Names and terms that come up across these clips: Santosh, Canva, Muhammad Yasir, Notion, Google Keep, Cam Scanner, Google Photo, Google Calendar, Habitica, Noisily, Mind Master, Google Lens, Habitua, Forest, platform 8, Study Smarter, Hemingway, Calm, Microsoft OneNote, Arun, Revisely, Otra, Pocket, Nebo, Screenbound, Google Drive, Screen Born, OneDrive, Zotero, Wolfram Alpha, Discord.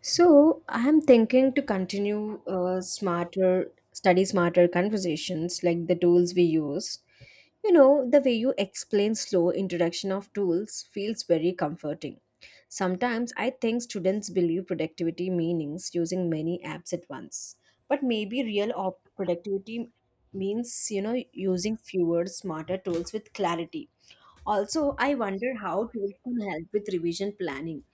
So I'm thinking to continue study smarter conversations like the tools we use. You know, the way you explain slow introduction of tools feels very comforting. Sometimes I think students believe productivity meanings using many apps at once. But maybe productivity means, you know, using fewer smarter tools with clarity. Also, I wonder how tools can help with revision planning.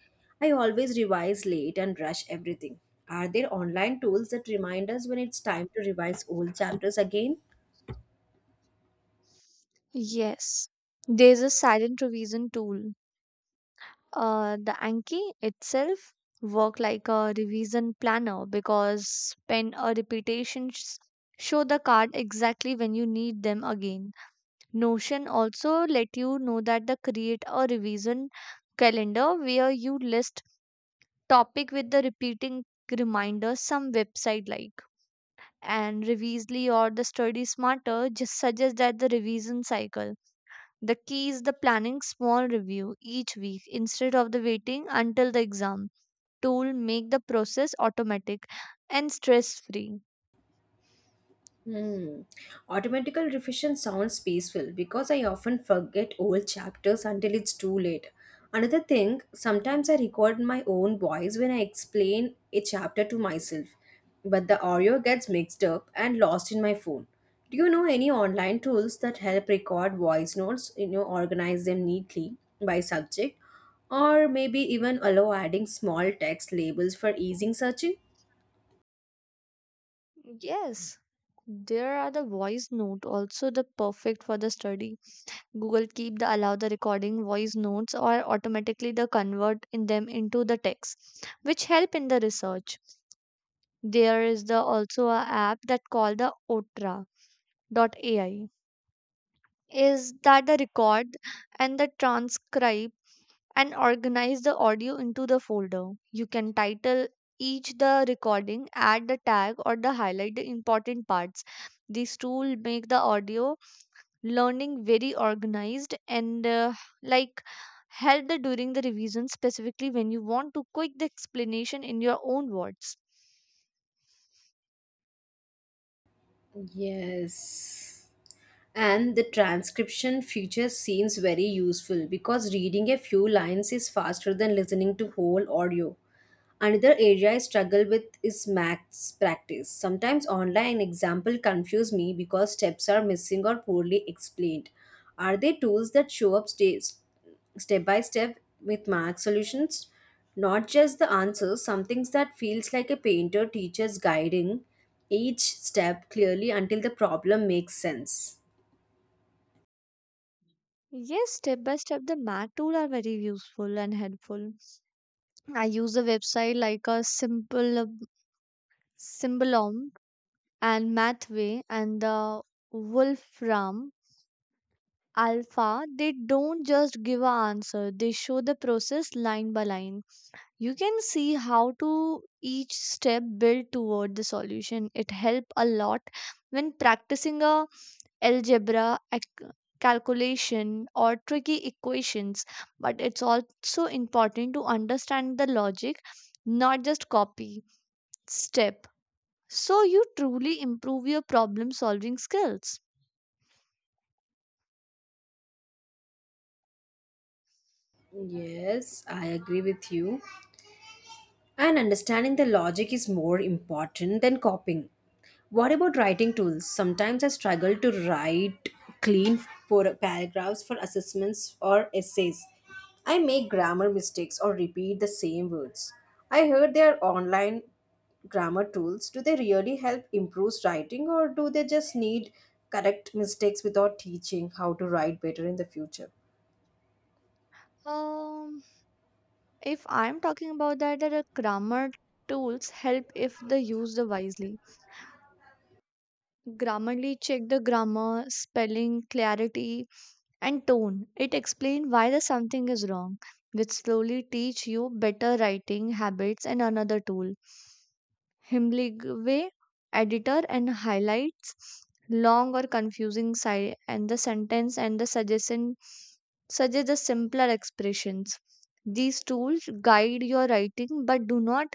I always revise late and rush everything. Are there online tools that remind us when it's time to revise old chapters again? Yes, there's a silent revision tool. The Anki itself work like a revision planner because pen or repetitions show the card exactly when you need them again. Notion also let you know that the create a revision calendar where you list topic with the repeating reminder some website like and Revisely or the Study Smarter just suggest that the revision cycle. The key is the planning small review each week instead of the waiting until the exam tool make the process automatic and stress free. Hmm. Automatical revision sounds peaceful because I often forget old chapters until it's too late. Another thing, sometimes I record my own voice when I explain a chapter to myself, but the audio gets mixed up and lost in my phone. Do you know any online tools that help record voice notes, you know, organize them neatly by subject, or maybe even allow adding small text labels for easing searching? Yes. There are the voice note also the perfect for the study. Google Keep the allow the recording voice notes or automatically the convert in them into the text, which help in the research. There is the also a app that called the Otra dot AI. Is that the record and the transcribe and organize the audio into the folder. You can title each the recording, add the tag or the highlight the important parts. This tool make the audio learning very organized and like help the during the revision specifically when you want to quick the explanation in your own words. Yes. And the transcription feature seems very useful because reading a few lines is faster than listening to whole audio. Another area I struggle with is maths practice. Sometimes online example confuse me because steps are missing or poorly explained. Are they tools that show up steps, step by step with math solutions? Not just the answers, some things that feels like a painter teacher's guiding each step clearly until the problem makes sense. Yes, step by step, the math tool are very useful and helpful. I use a website like a simple symbolom and Mathway and the Wolfram Alpha. They don't just give a answer, they show the process line by line. You can see how to each step build toward the solution. It help a lot when practicing a algebra ac- calculation or tricky equations, but it's also important to understand the logic, not just copy step, so you truly improve your problem solving skills. Yes, I agree with you. And understanding the logic is more important than copying. What about writing tools? Sometimes I struggle to write clean paragraphs for assessments or essays. I make grammar mistakes or repeat the same words. I heard there are online grammar tools. Do they really help improve writing or do they just need correct mistakes without teaching how to write better in the future? Um, if I'm talking about that grammar tools help if they used wisely. Grammarly check the grammar, spelling, clarity, and tone. It explain why the something is wrong, which slowly teach you better writing habits, and another tool. Hemingway editor and highlights long or confusing side and the sentence and the suggest the simpler expressions. These tools guide your writing but do not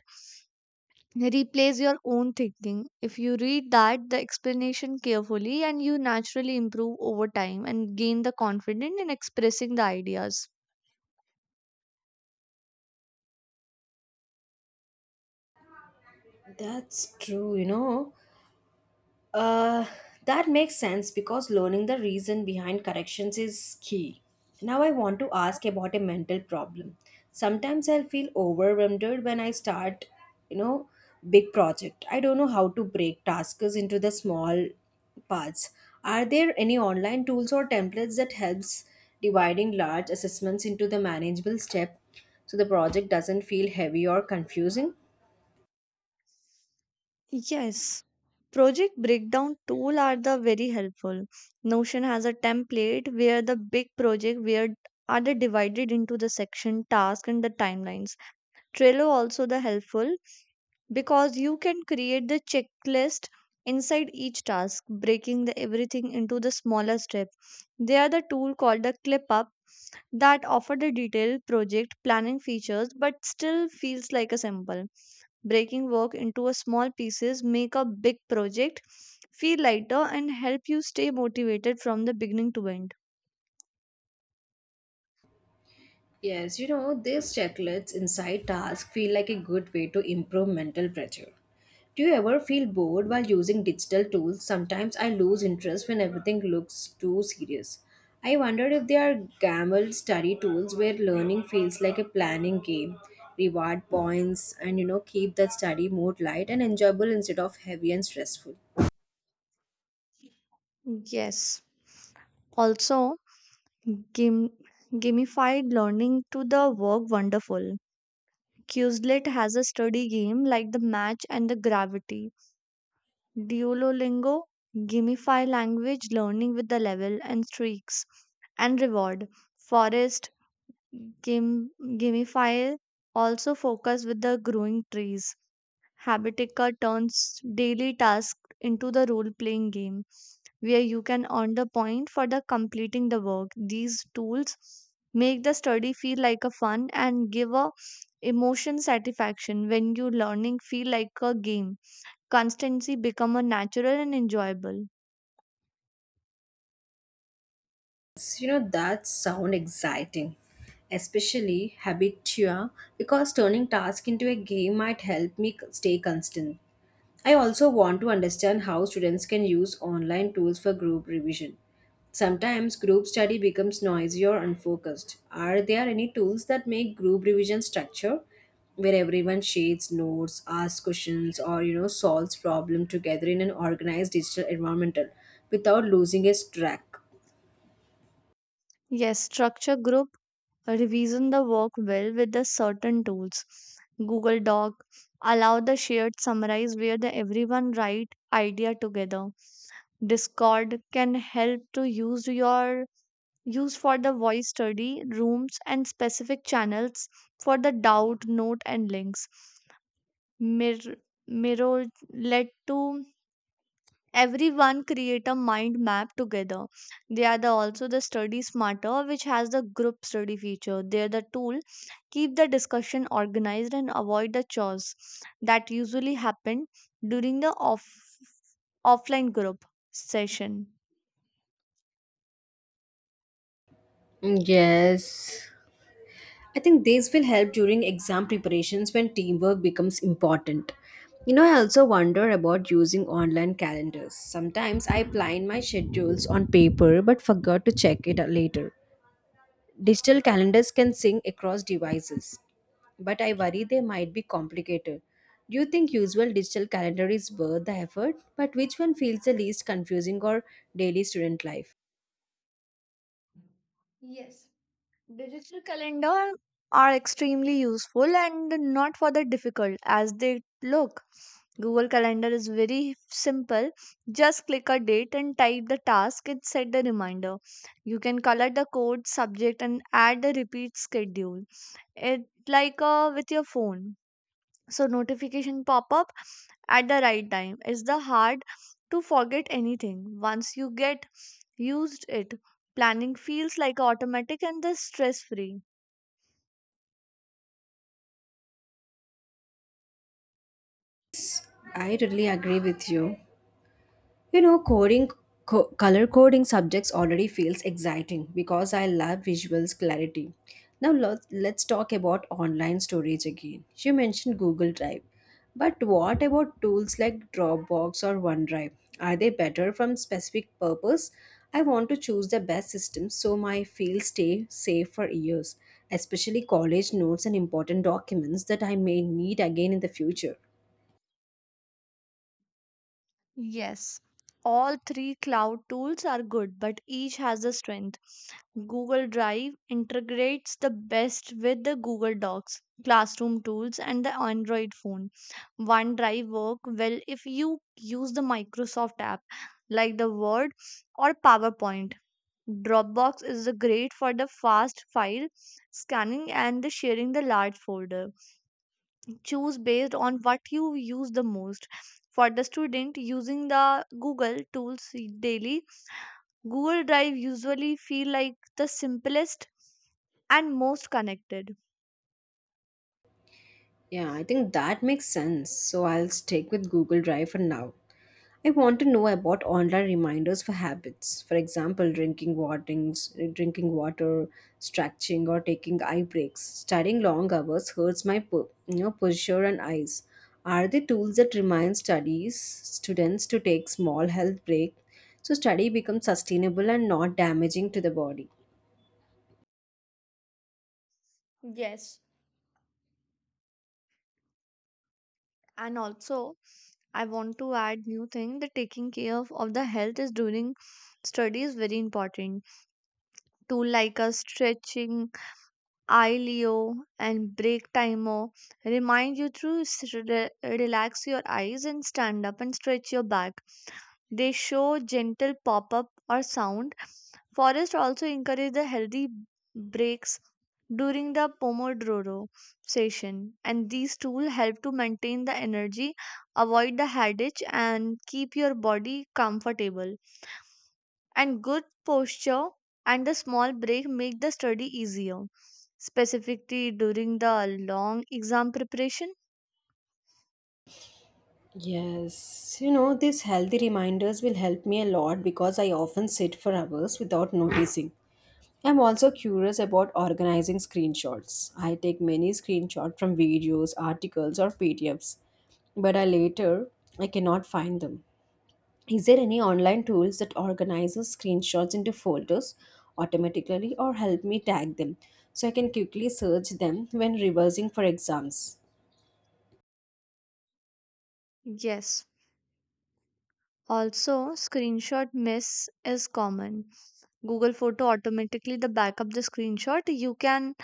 replace your own thinking. If you read that the explanation carefully and you naturally improve over time and gain the confidence in expressing the ideas. That's true, you know. Uh, that makes sense because learning the reason behind corrections is key. Now, I want to ask about a mental problem. Sometimes I'll feel overwhelmed when I start, you know, big project. I don't know how to break tasks into the small parts. Are there any online tools or templates that helps dividing large assessments into the manageable step so the project doesn't feel heavy or confusing? Yes, project breakdown tool are the very helpful. Notion has a template where the big project where are the divided into the section task and the timelines. Trello also the helpful because you can create the checklist inside each task, breaking the everything into the smaller step. They are the tool called the ClipUp that offer the detailed project planning features but still feels like a simple breaking work into a small pieces make a big project feel lighter and help you stay motivated from the beginning to end. Yes, you know, these checklists inside tasks feel like a good way to improve mental pressure. Do you ever feel bored while using digital tools? Sometimes I lose interest when everything looks too serious. I wonder if there are gambled study tools where learning feels like a planning game, reward points, and you know, keep that study mode light and enjoyable instead of heavy and stressful. Yes, also gam gamified learning to the work wonderful. Quizlet has a study game like the match and the gravity. Duolingo gamify language learning with the level and streaks and reward. Forest game gamify also focus with the growing trees. Habitica turns daily tasks into the role playing game where you can earn the point for the completing the work. These tools make the study feel like a fun and give a emotion satisfaction when you learning feel like a game. Constancy become a natural and enjoyable. You know, that sound exciting, especially Habitua, because turning task into a game might help me stay constant. I also want to understand how students can use online tools for group revision. Sometimes group study becomes noisy or unfocused. Are there any tools that make group revision structure where everyone shares notes, asks questions, or you know solves problem together in an organized digital environment without losing its track? Yes, structure group revision the work well with the certain tools. Google Doc allow the shared summarize where the everyone write idea together. Discord can help to use your use for the voice study rooms and specific channels for the doubt note and links. Mir- Miro let to everyone create a mind map together. They are the also the study smarter which has the group study feature. They're the tool keep the discussion organized and avoid the chores that usually happen during the offline group session. Mm, yes. I think these will help during exam preparations when teamwork becomes important. You know, I also wonder about using online calendars. Sometimes I plan my schedules on paper but forgot to check it later. Digital calendars can sync across devices, but I worry they might be complicated. Do you think usual digital calendar is worth the effort? But which one feels the least confusing or daily student life? Yes. Digital calendar are extremely useful and not for the difficult as they look. Google Calendar is very simple. Just click a date and type the task and set the reminder. You can color the code, subject, and add the repeat schedule. It like with your phone. So notification pop up at the right time. It's the hard to forget anything once you get used it. Planning feels like automatic and the stress free. I totally agree with you. You know, color coding subjects already feels exciting because I love visuals clarity. Now let's talk about online storage again. You mentioned Google Drive, but what about tools like Dropbox or OneDrive? Are they better from specific purpose? I want to choose the best system so my files stay safe for years, especially college notes and important documents that I may need again in the future. Yes, all three cloud tools are good, but each has a strength. Google Drive integrates the best with the Google Docs, classroom tools, and the Android phone. OneDrive work well if you use the Microsoft app like the Word or PowerPoint. Dropbox is the great for the fast file scanning and the sharing the large folder. Choose based on what you use the most. For the student using the Google tools daily, Google Drive usually feel like the simplest and most connected. Yeah, I think that makes sense. So I'll stick with Google Drive for now. I want to know about online reminders for habits. For example, drinking water, stretching or taking eye breaks. Studying long hours hurts my you know, posture and eyes. Are there tools that remind studies students to take small health break so study becomes sustainable and not damaging to the body? Yes. And also I want to add new thing that taking care of the health is during study is very important. Tool like a stretching ileo and break timer remind you to relax your eyes and stand up and stretch your back. They show gentle pop up or sound. Forests also encourage the healthy breaks during the Pomodoro session, and these tools help to maintain the energy, avoid the headache, and keep your body comfortable. And good posture and the small break make the study easier, specifically during the long exam preparation. Yes, you know, these healthy reminders will help me a lot because I often sit for hours without noticing. I'm also curious about organizing screenshots. I take many screenshots from videos, articles, or PDFs, but I later I cannot find them. Is there any online tools that organizes screenshots into folders automatically or help me tag them so I can quickly search them when reversing for exams? Yes. Also, screenshot miss is common. Google Photo automatically the backup the screenshot. You can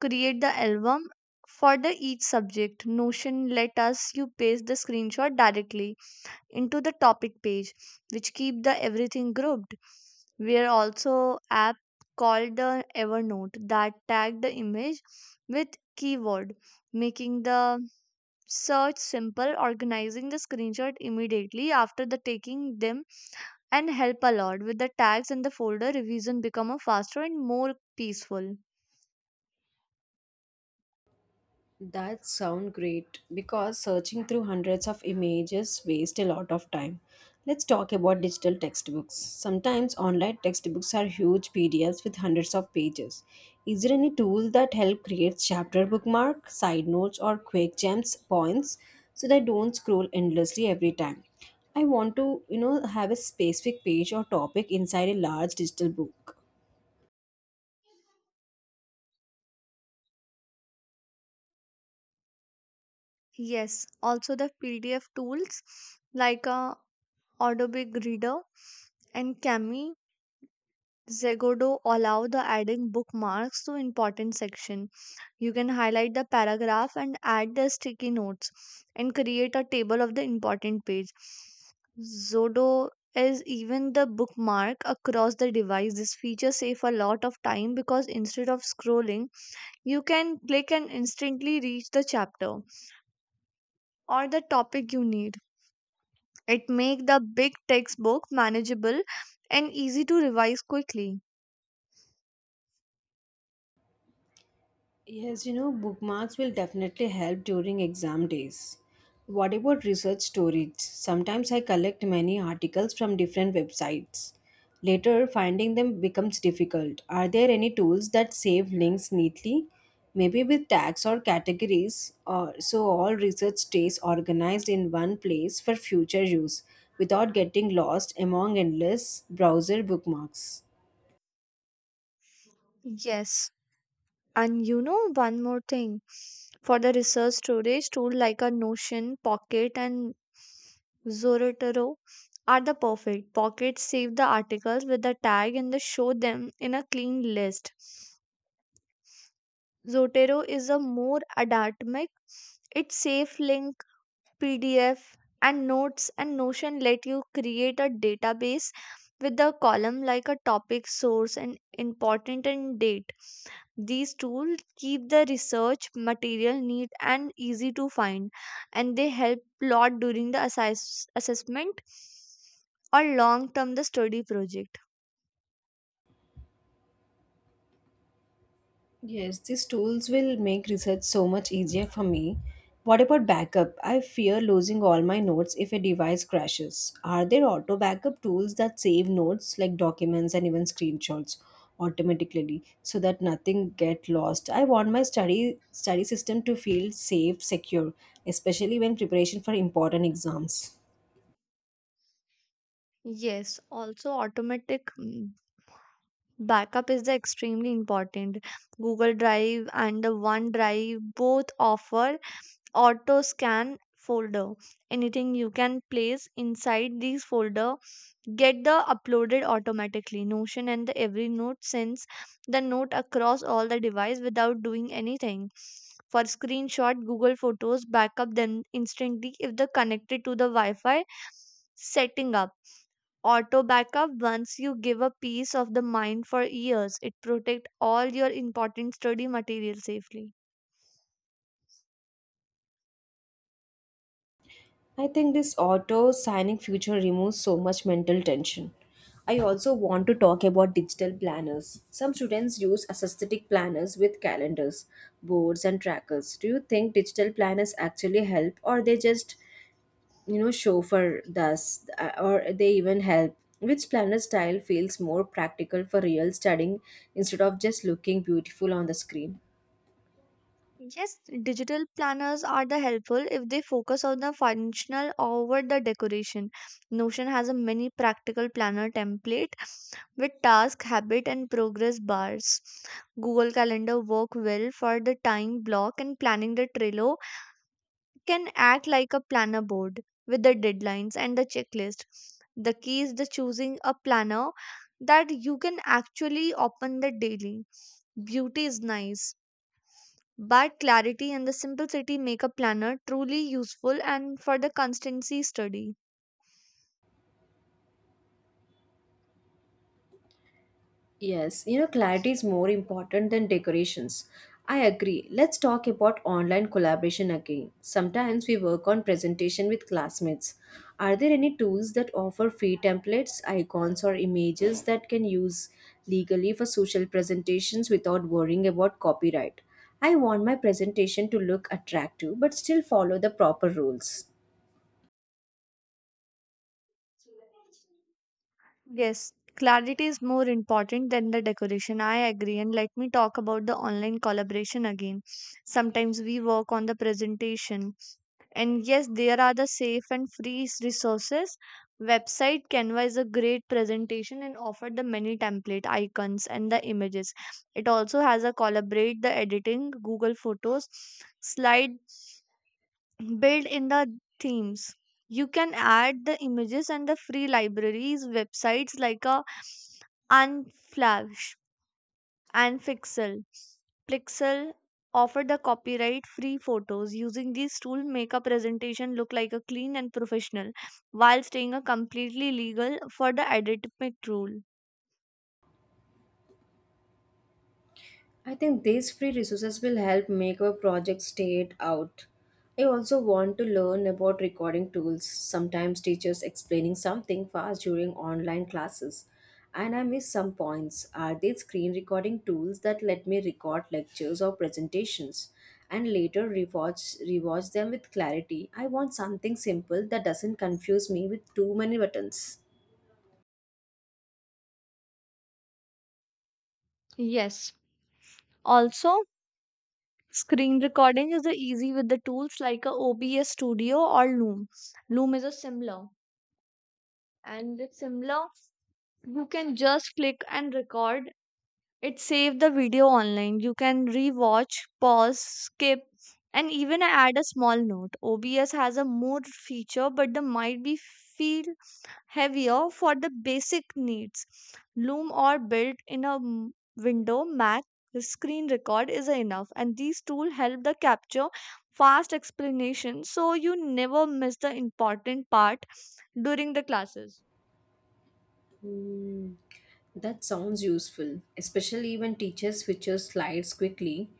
create the album for the each subject. Notion let us you paste the screenshot directly into the topic page, which keep the everything grouped. We are also app called the Evernote that tag the image with keyword, making the search simple, organizing the screenshot immediately after the taking them and help a lot with the tags and the folder revision become a faster and more peaceful. That sound great because searching through hundreds of images waste a lot of time. Let's talk about digital textbooks. Sometimes online textbooks are huge PDFs with hundreds of pages. Is there any tool that help create chapter bookmark, side notes or quick gems points so that I don't scroll endlessly every time? I want to, you know, have a specific page or topic inside a large digital book. Yes, also the PDF tools like Adobe Reader and cami zegodo allow the adding bookmarks to important section. You can highlight the paragraph and add the sticky notes and create a table of the important page. Zodo is even the bookmark across the device. This feature save a lot of time because instead of scrolling you can click and instantly reach the chapter or the topic you need. It make the big textbook manageable and easy to revise quickly. Yes, you know, bookmarks will definitely help during exam days. What about research storage? Sometimes I collect many articles from different websites. Later, finding them becomes difficult. Are there any tools that save links neatly? Maybe with tags or categories, or so all research stays organized in one place for future use without getting lost among endless browser bookmarks. Yes, and you know one more thing, for the research storage tool like a Notion, Pocket and Zotero are the perfect. Pocket save the articles with the tag and they show them in a clean list. Zotero is a more atomic. It saves links, PDF, and Notes, and Notion let you create a database with a column like a topic, source, and important and date. These tools keep the research material neat and easy to find, and they help a lot during the assessment or long term the study project. Yes, these tools will make research so much easier for me. What about backup? I fear losing all my notes if a device crashes. Are there auto backup tools that save notes like documents and even screenshots automatically so that nothing get lost? I want my study system to feel safe, secure, especially when preparation for important exams. Yes, also automatic backup is the extremely important. Google Drive and the OneDrive both offer auto scan folder. Anything you can place inside these folder get the uploaded automatically. Notion and the every note sends the note across all the device without doing anything. For screenshot, Google Photos backup them instantly if the connected to the wi-fi. Setting up auto backup once you give a peace of the mind for years. It protect all your important study material safely. I think this auto signing future removes so much mental tension. I also want to talk about digital planners. Some students use assisted planners with calendars, boards and trackers. Do you think digital planners actually help or they just, you know, show for us or they even help? Which planner style feels more practical for real studying instead of just looking beautiful on the screen? Yes, digital planners are the helpful if they focus on the functional over the decoration. Notion has a mini practical planner template with task, habit, and progress bars. Google Calendar work well for the time block and planning. The Trello can act like a planner board with the deadlines and the checklist. The key is the choosing a planner that you can actually open the daily. Beauty is nice, but clarity and the simplicity make a planner truly useful and for the constancy study. Yes, you know, clarity is more important than decorations. I agree. Let's talk about online collaboration again. Sometimes we work on presentation with classmates. Are there any tools that offer free templates, icons, or images that can use legally for social presentations without worrying about copyright? I want my presentation to look attractive but still follow the proper rules. Yes, clarity is more important than the decoration. I agree. And let me talk about the online collaboration again. Sometimes we work on the presentation. And yes, there are the safe and free resources. Website Canva is a great presentation and offer the many template icons and the images. It also has a collaborate the editing, Google Photos, slide build in the themes. You can add the images and the free libraries websites like a unflash and pixel offer the copyright free photos. Using these tools make a presentation look like a clean and professional while staying a completely legal for the academic rule. I think these free resources will help make our project stand out. I also want to learn about recording tools. Sometimes teachers explaining something fast during online classes and I miss some points. Are there screen recording tools that let me record lectures or presentations and later rewatch them with clarity? I want something simple that doesn't confuse me with too many buttons. Yes, also screen recording is the easy with the tools like a OBS studio or loom. Loom is a similar, and with Simla, you can just click and record. It saved the video online. You can rewatch, pause, skip, and even add a small note. OBS has a more feature, but the might be feel heavier for the basic needs. Loom or built in a window Mac screen record is enough, and these tools help the capture fast explanation so you never miss the important part during the classes. Hmm, that sounds useful, especially when teacher switches slides quickly.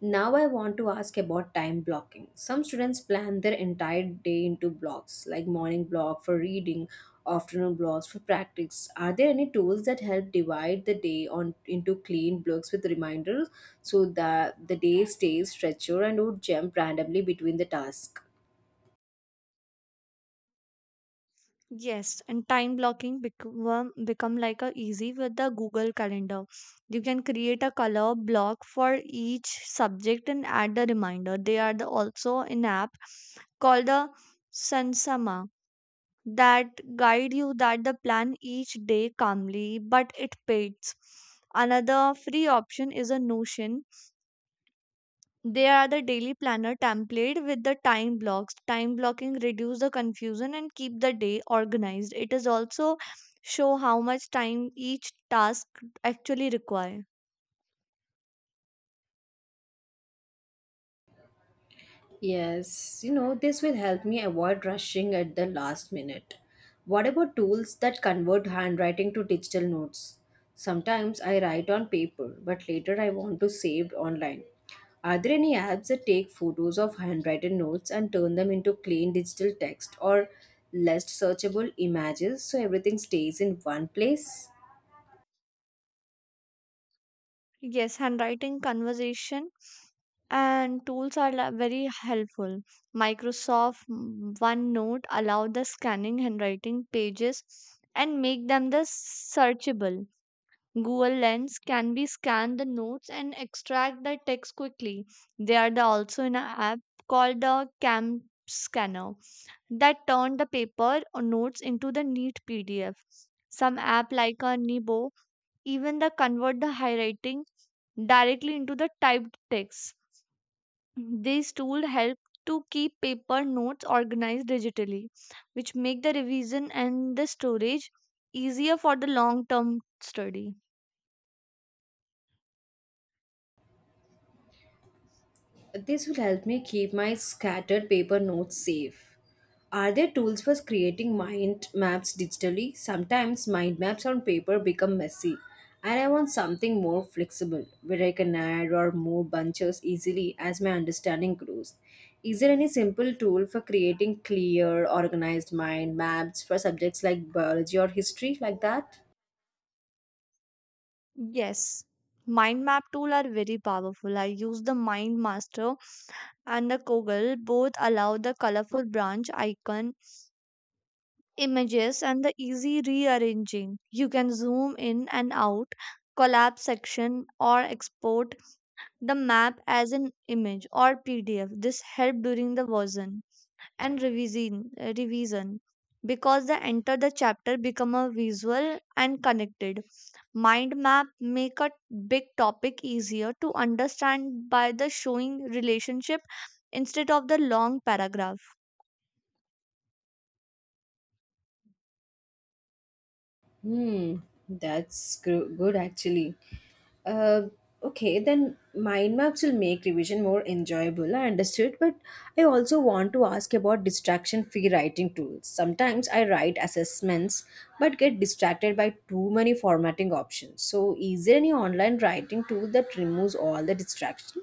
Now I want to ask about time blocking. Some students plan their entire day into blocks, like morning block for reading, afternoon blocks for practice. Are there any tools that help divide the day on into clean blocks with reminders so that the day stays structured and don't jump randomly between the tasks? Yes, and time blocking become like a easy with the Google Calendar. You can create a color block for each subject and add the reminder. They are the also an app called the Sansama that guide you that the plan each day calmly, but it pays. Another free option is a Notion. They are the daily planner template with the time blocks. Time blocking reduce the confusion and keep the day organized. It is also show how much time each task actually require. Yes, you know, this will help me avoid rushing at the last minute. What about tools that convert handwriting to digital notes? Sometimes I write on paper, but later I want to save online. Are there any apps that take photos of handwritten notes and turn them into clean digital text or less searchable images so everything stays in one place? Yes, handwriting conversation and tools are very helpful. Microsoft OneNote allow the scanning handwriting pages and make them the searchable. Google Lens can be scan the notes and extract the text quickly. They are the also in an app called the Cam Scanner that turn the paper or notes into the neat PDF. Some app like a Nebo even the convert the handwriting directly into the typed text. These tools help to keep paper notes organized digitally, which make the revision and the storage easier for the long term study. This will help me keep my scattered paper notes safe. Are there tools for creating mind maps digitally? Sometimes mind maps on paper become messy, and I want something more flexible where I can add or move bunches easily as my understanding grows. Is there any simple tool for creating clear, organized mind maps for subjects like biology or history like that? Yes, mind map tool are very powerful. I use the Mind Master and the Koggle. Both allow the colorful branch icon, images and the easy rearranging. You can zoom in and out, collapse section, or export the map as an image or PDF. This help during the version and revision because the enter the chapter become a visual and connected. Mind map make a big topic easier to understand by the showing relationship instead of the long paragraph. Hmm, that's good actually. Uh, okay, then mind maps will make revision more enjoyable. I understood, but I also want to ask about distraction free writing tools. Sometimes I write assessments but get distracted by too many formatting options. So, is there any online writing tool that removes all the distraction?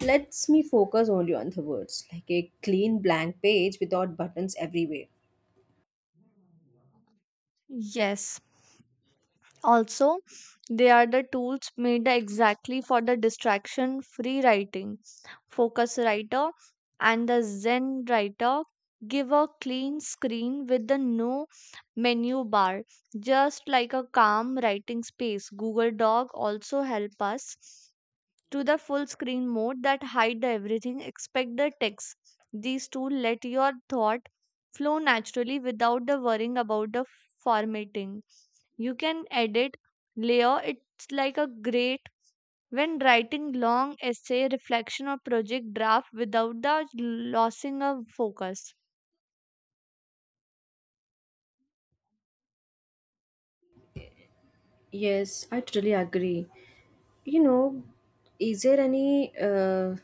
Lets me focus only on the words, like a clean blank page without buttons everywhere. Yes. Also, they are the tools made exactly for the distraction free writing. Focus writer and the Zen writer give a clean screen with the no menu bar, just like a calm writing space. Google doc also help us to the full screen mode that hide the everything expect the text. These tools let your thought flow naturally without the worrying about the formatting. You can edit layer. It's like a great when writing long essay, reflection or project draft without the losing of focus. Yes, I totally agree. You know, is there any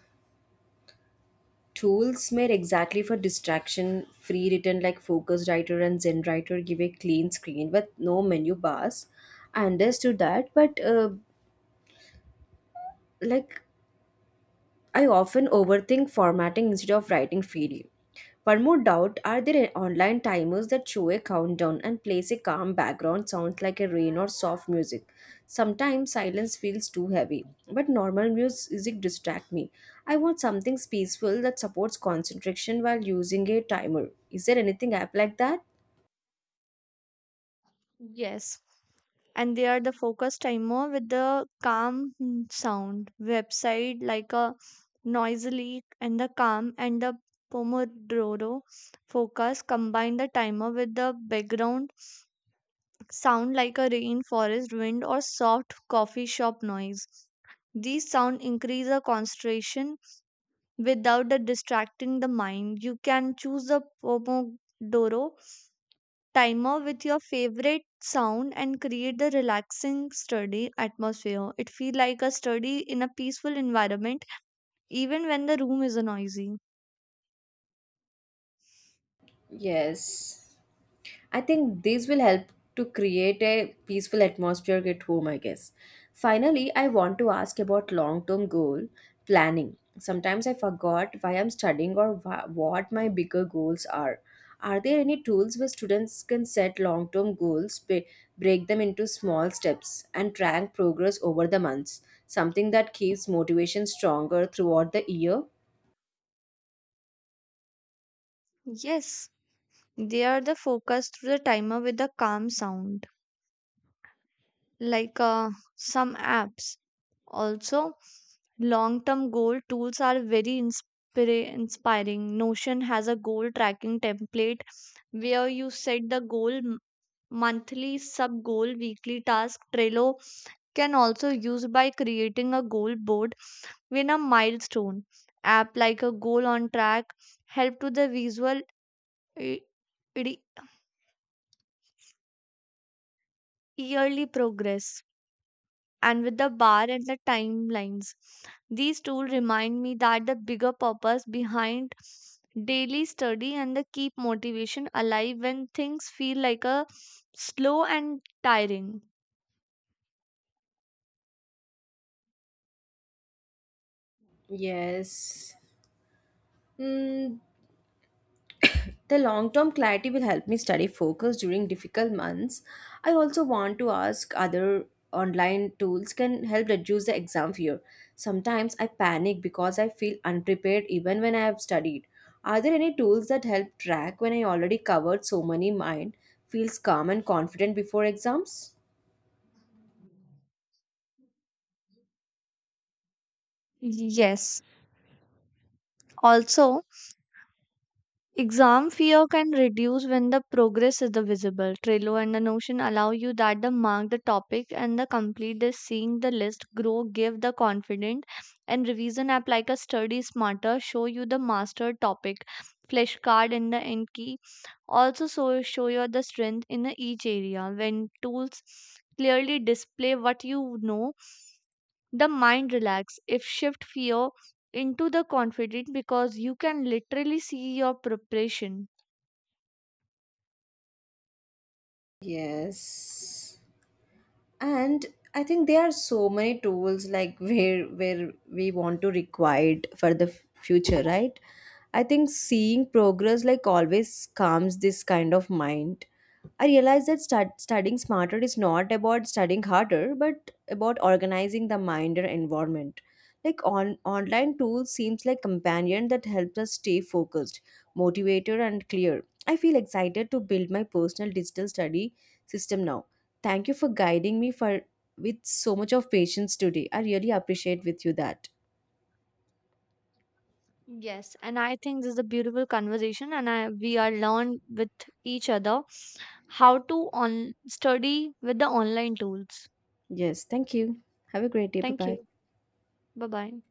tools made exactly for distraction free written like Focus Writer and Zen Writer give a clean screen with no menu bars? I understood that, but like I often overthink formatting instead of writing freely. One more doubt are there online timers that show a countdown and place a calm background sounds like a rain or soft music? Sometimes silence feels too heavy, but normal music distract me. I want something peaceful that supports concentration while using a timer. Is there anything app like that? Yes, and they are the focus timer with the calm sound. Website like a noisily and the calm and the pomodoro focus combine the timer with the background sound like a rainforest wind or soft coffee shop noise. These sound increase the concentration without the distracting the mind. You can choose the pomodoro timer with your favorite sound and create the relaxing study atmosphere. It feel like a study in a peaceful environment even when the room is noisy. Yes. I think these will help to create a peaceful atmosphere at home, I guess. Finally, I want to ask about long term goal planning. Sometimes I forgot why I'm studying or what my bigger goals are. Are there any tools where students can set long term goals, break them into small steps, and track progress over the months? Something that keeps motivation stronger throughout the year? Yes, they are the focus through the timer with a calm sound like some apps. Also, long-term goal tools are very inspiring. Notion has a goal tracking template where you set the goal monthly sub goal, weekly task. Trello can also use by creating a goal board with a milestone. App like a goal on track help to the visual, e- re- yearly progress, and with the bar and the timelines. These tools remind me that the bigger purpose behind daily study and the keep motivation alive when things feel like a slow and tiring. Yes. Hmm. The long term clarity will help me study focus during difficult months. I also want to ask other online tools can help reduce the exam fear. Sometimes I panic because I feel unprepared even when I have studied. Are there any tools that help track when I already covered so many mind feels calm and confident before exams? Yes, also exam fear can reduce when the progress is the visible. Trello and the Notion allow you that the mark the topic and the complete the seeing the list grow, give the confident. And revision app like a study smarter, show you the master topic, flashcard in the end key. Also so show you the strength in the each area. When tools clearly display what you know, the mind relax if shift fear into the confident because you can literally see your preparation. Yes. And I think there are so many tools like where we want to required for the future, right? I think seeing progress like always calms this kind of mind. I realize that studying smarter is not about studying harder but about organizing the mind and environment like on online tools seems like companion that helps us stay focused, motivated and clear. I feel excited to build my personal digital study system now. Thank you for guiding me for with so much of patience today. I really appreciate with you that. Yes, and I think this is a beautiful conversation, and I we are learn with each other how to on study with the online tools. Yes, thank you. Have a great day. Bye Thank bye. you. Bye bye.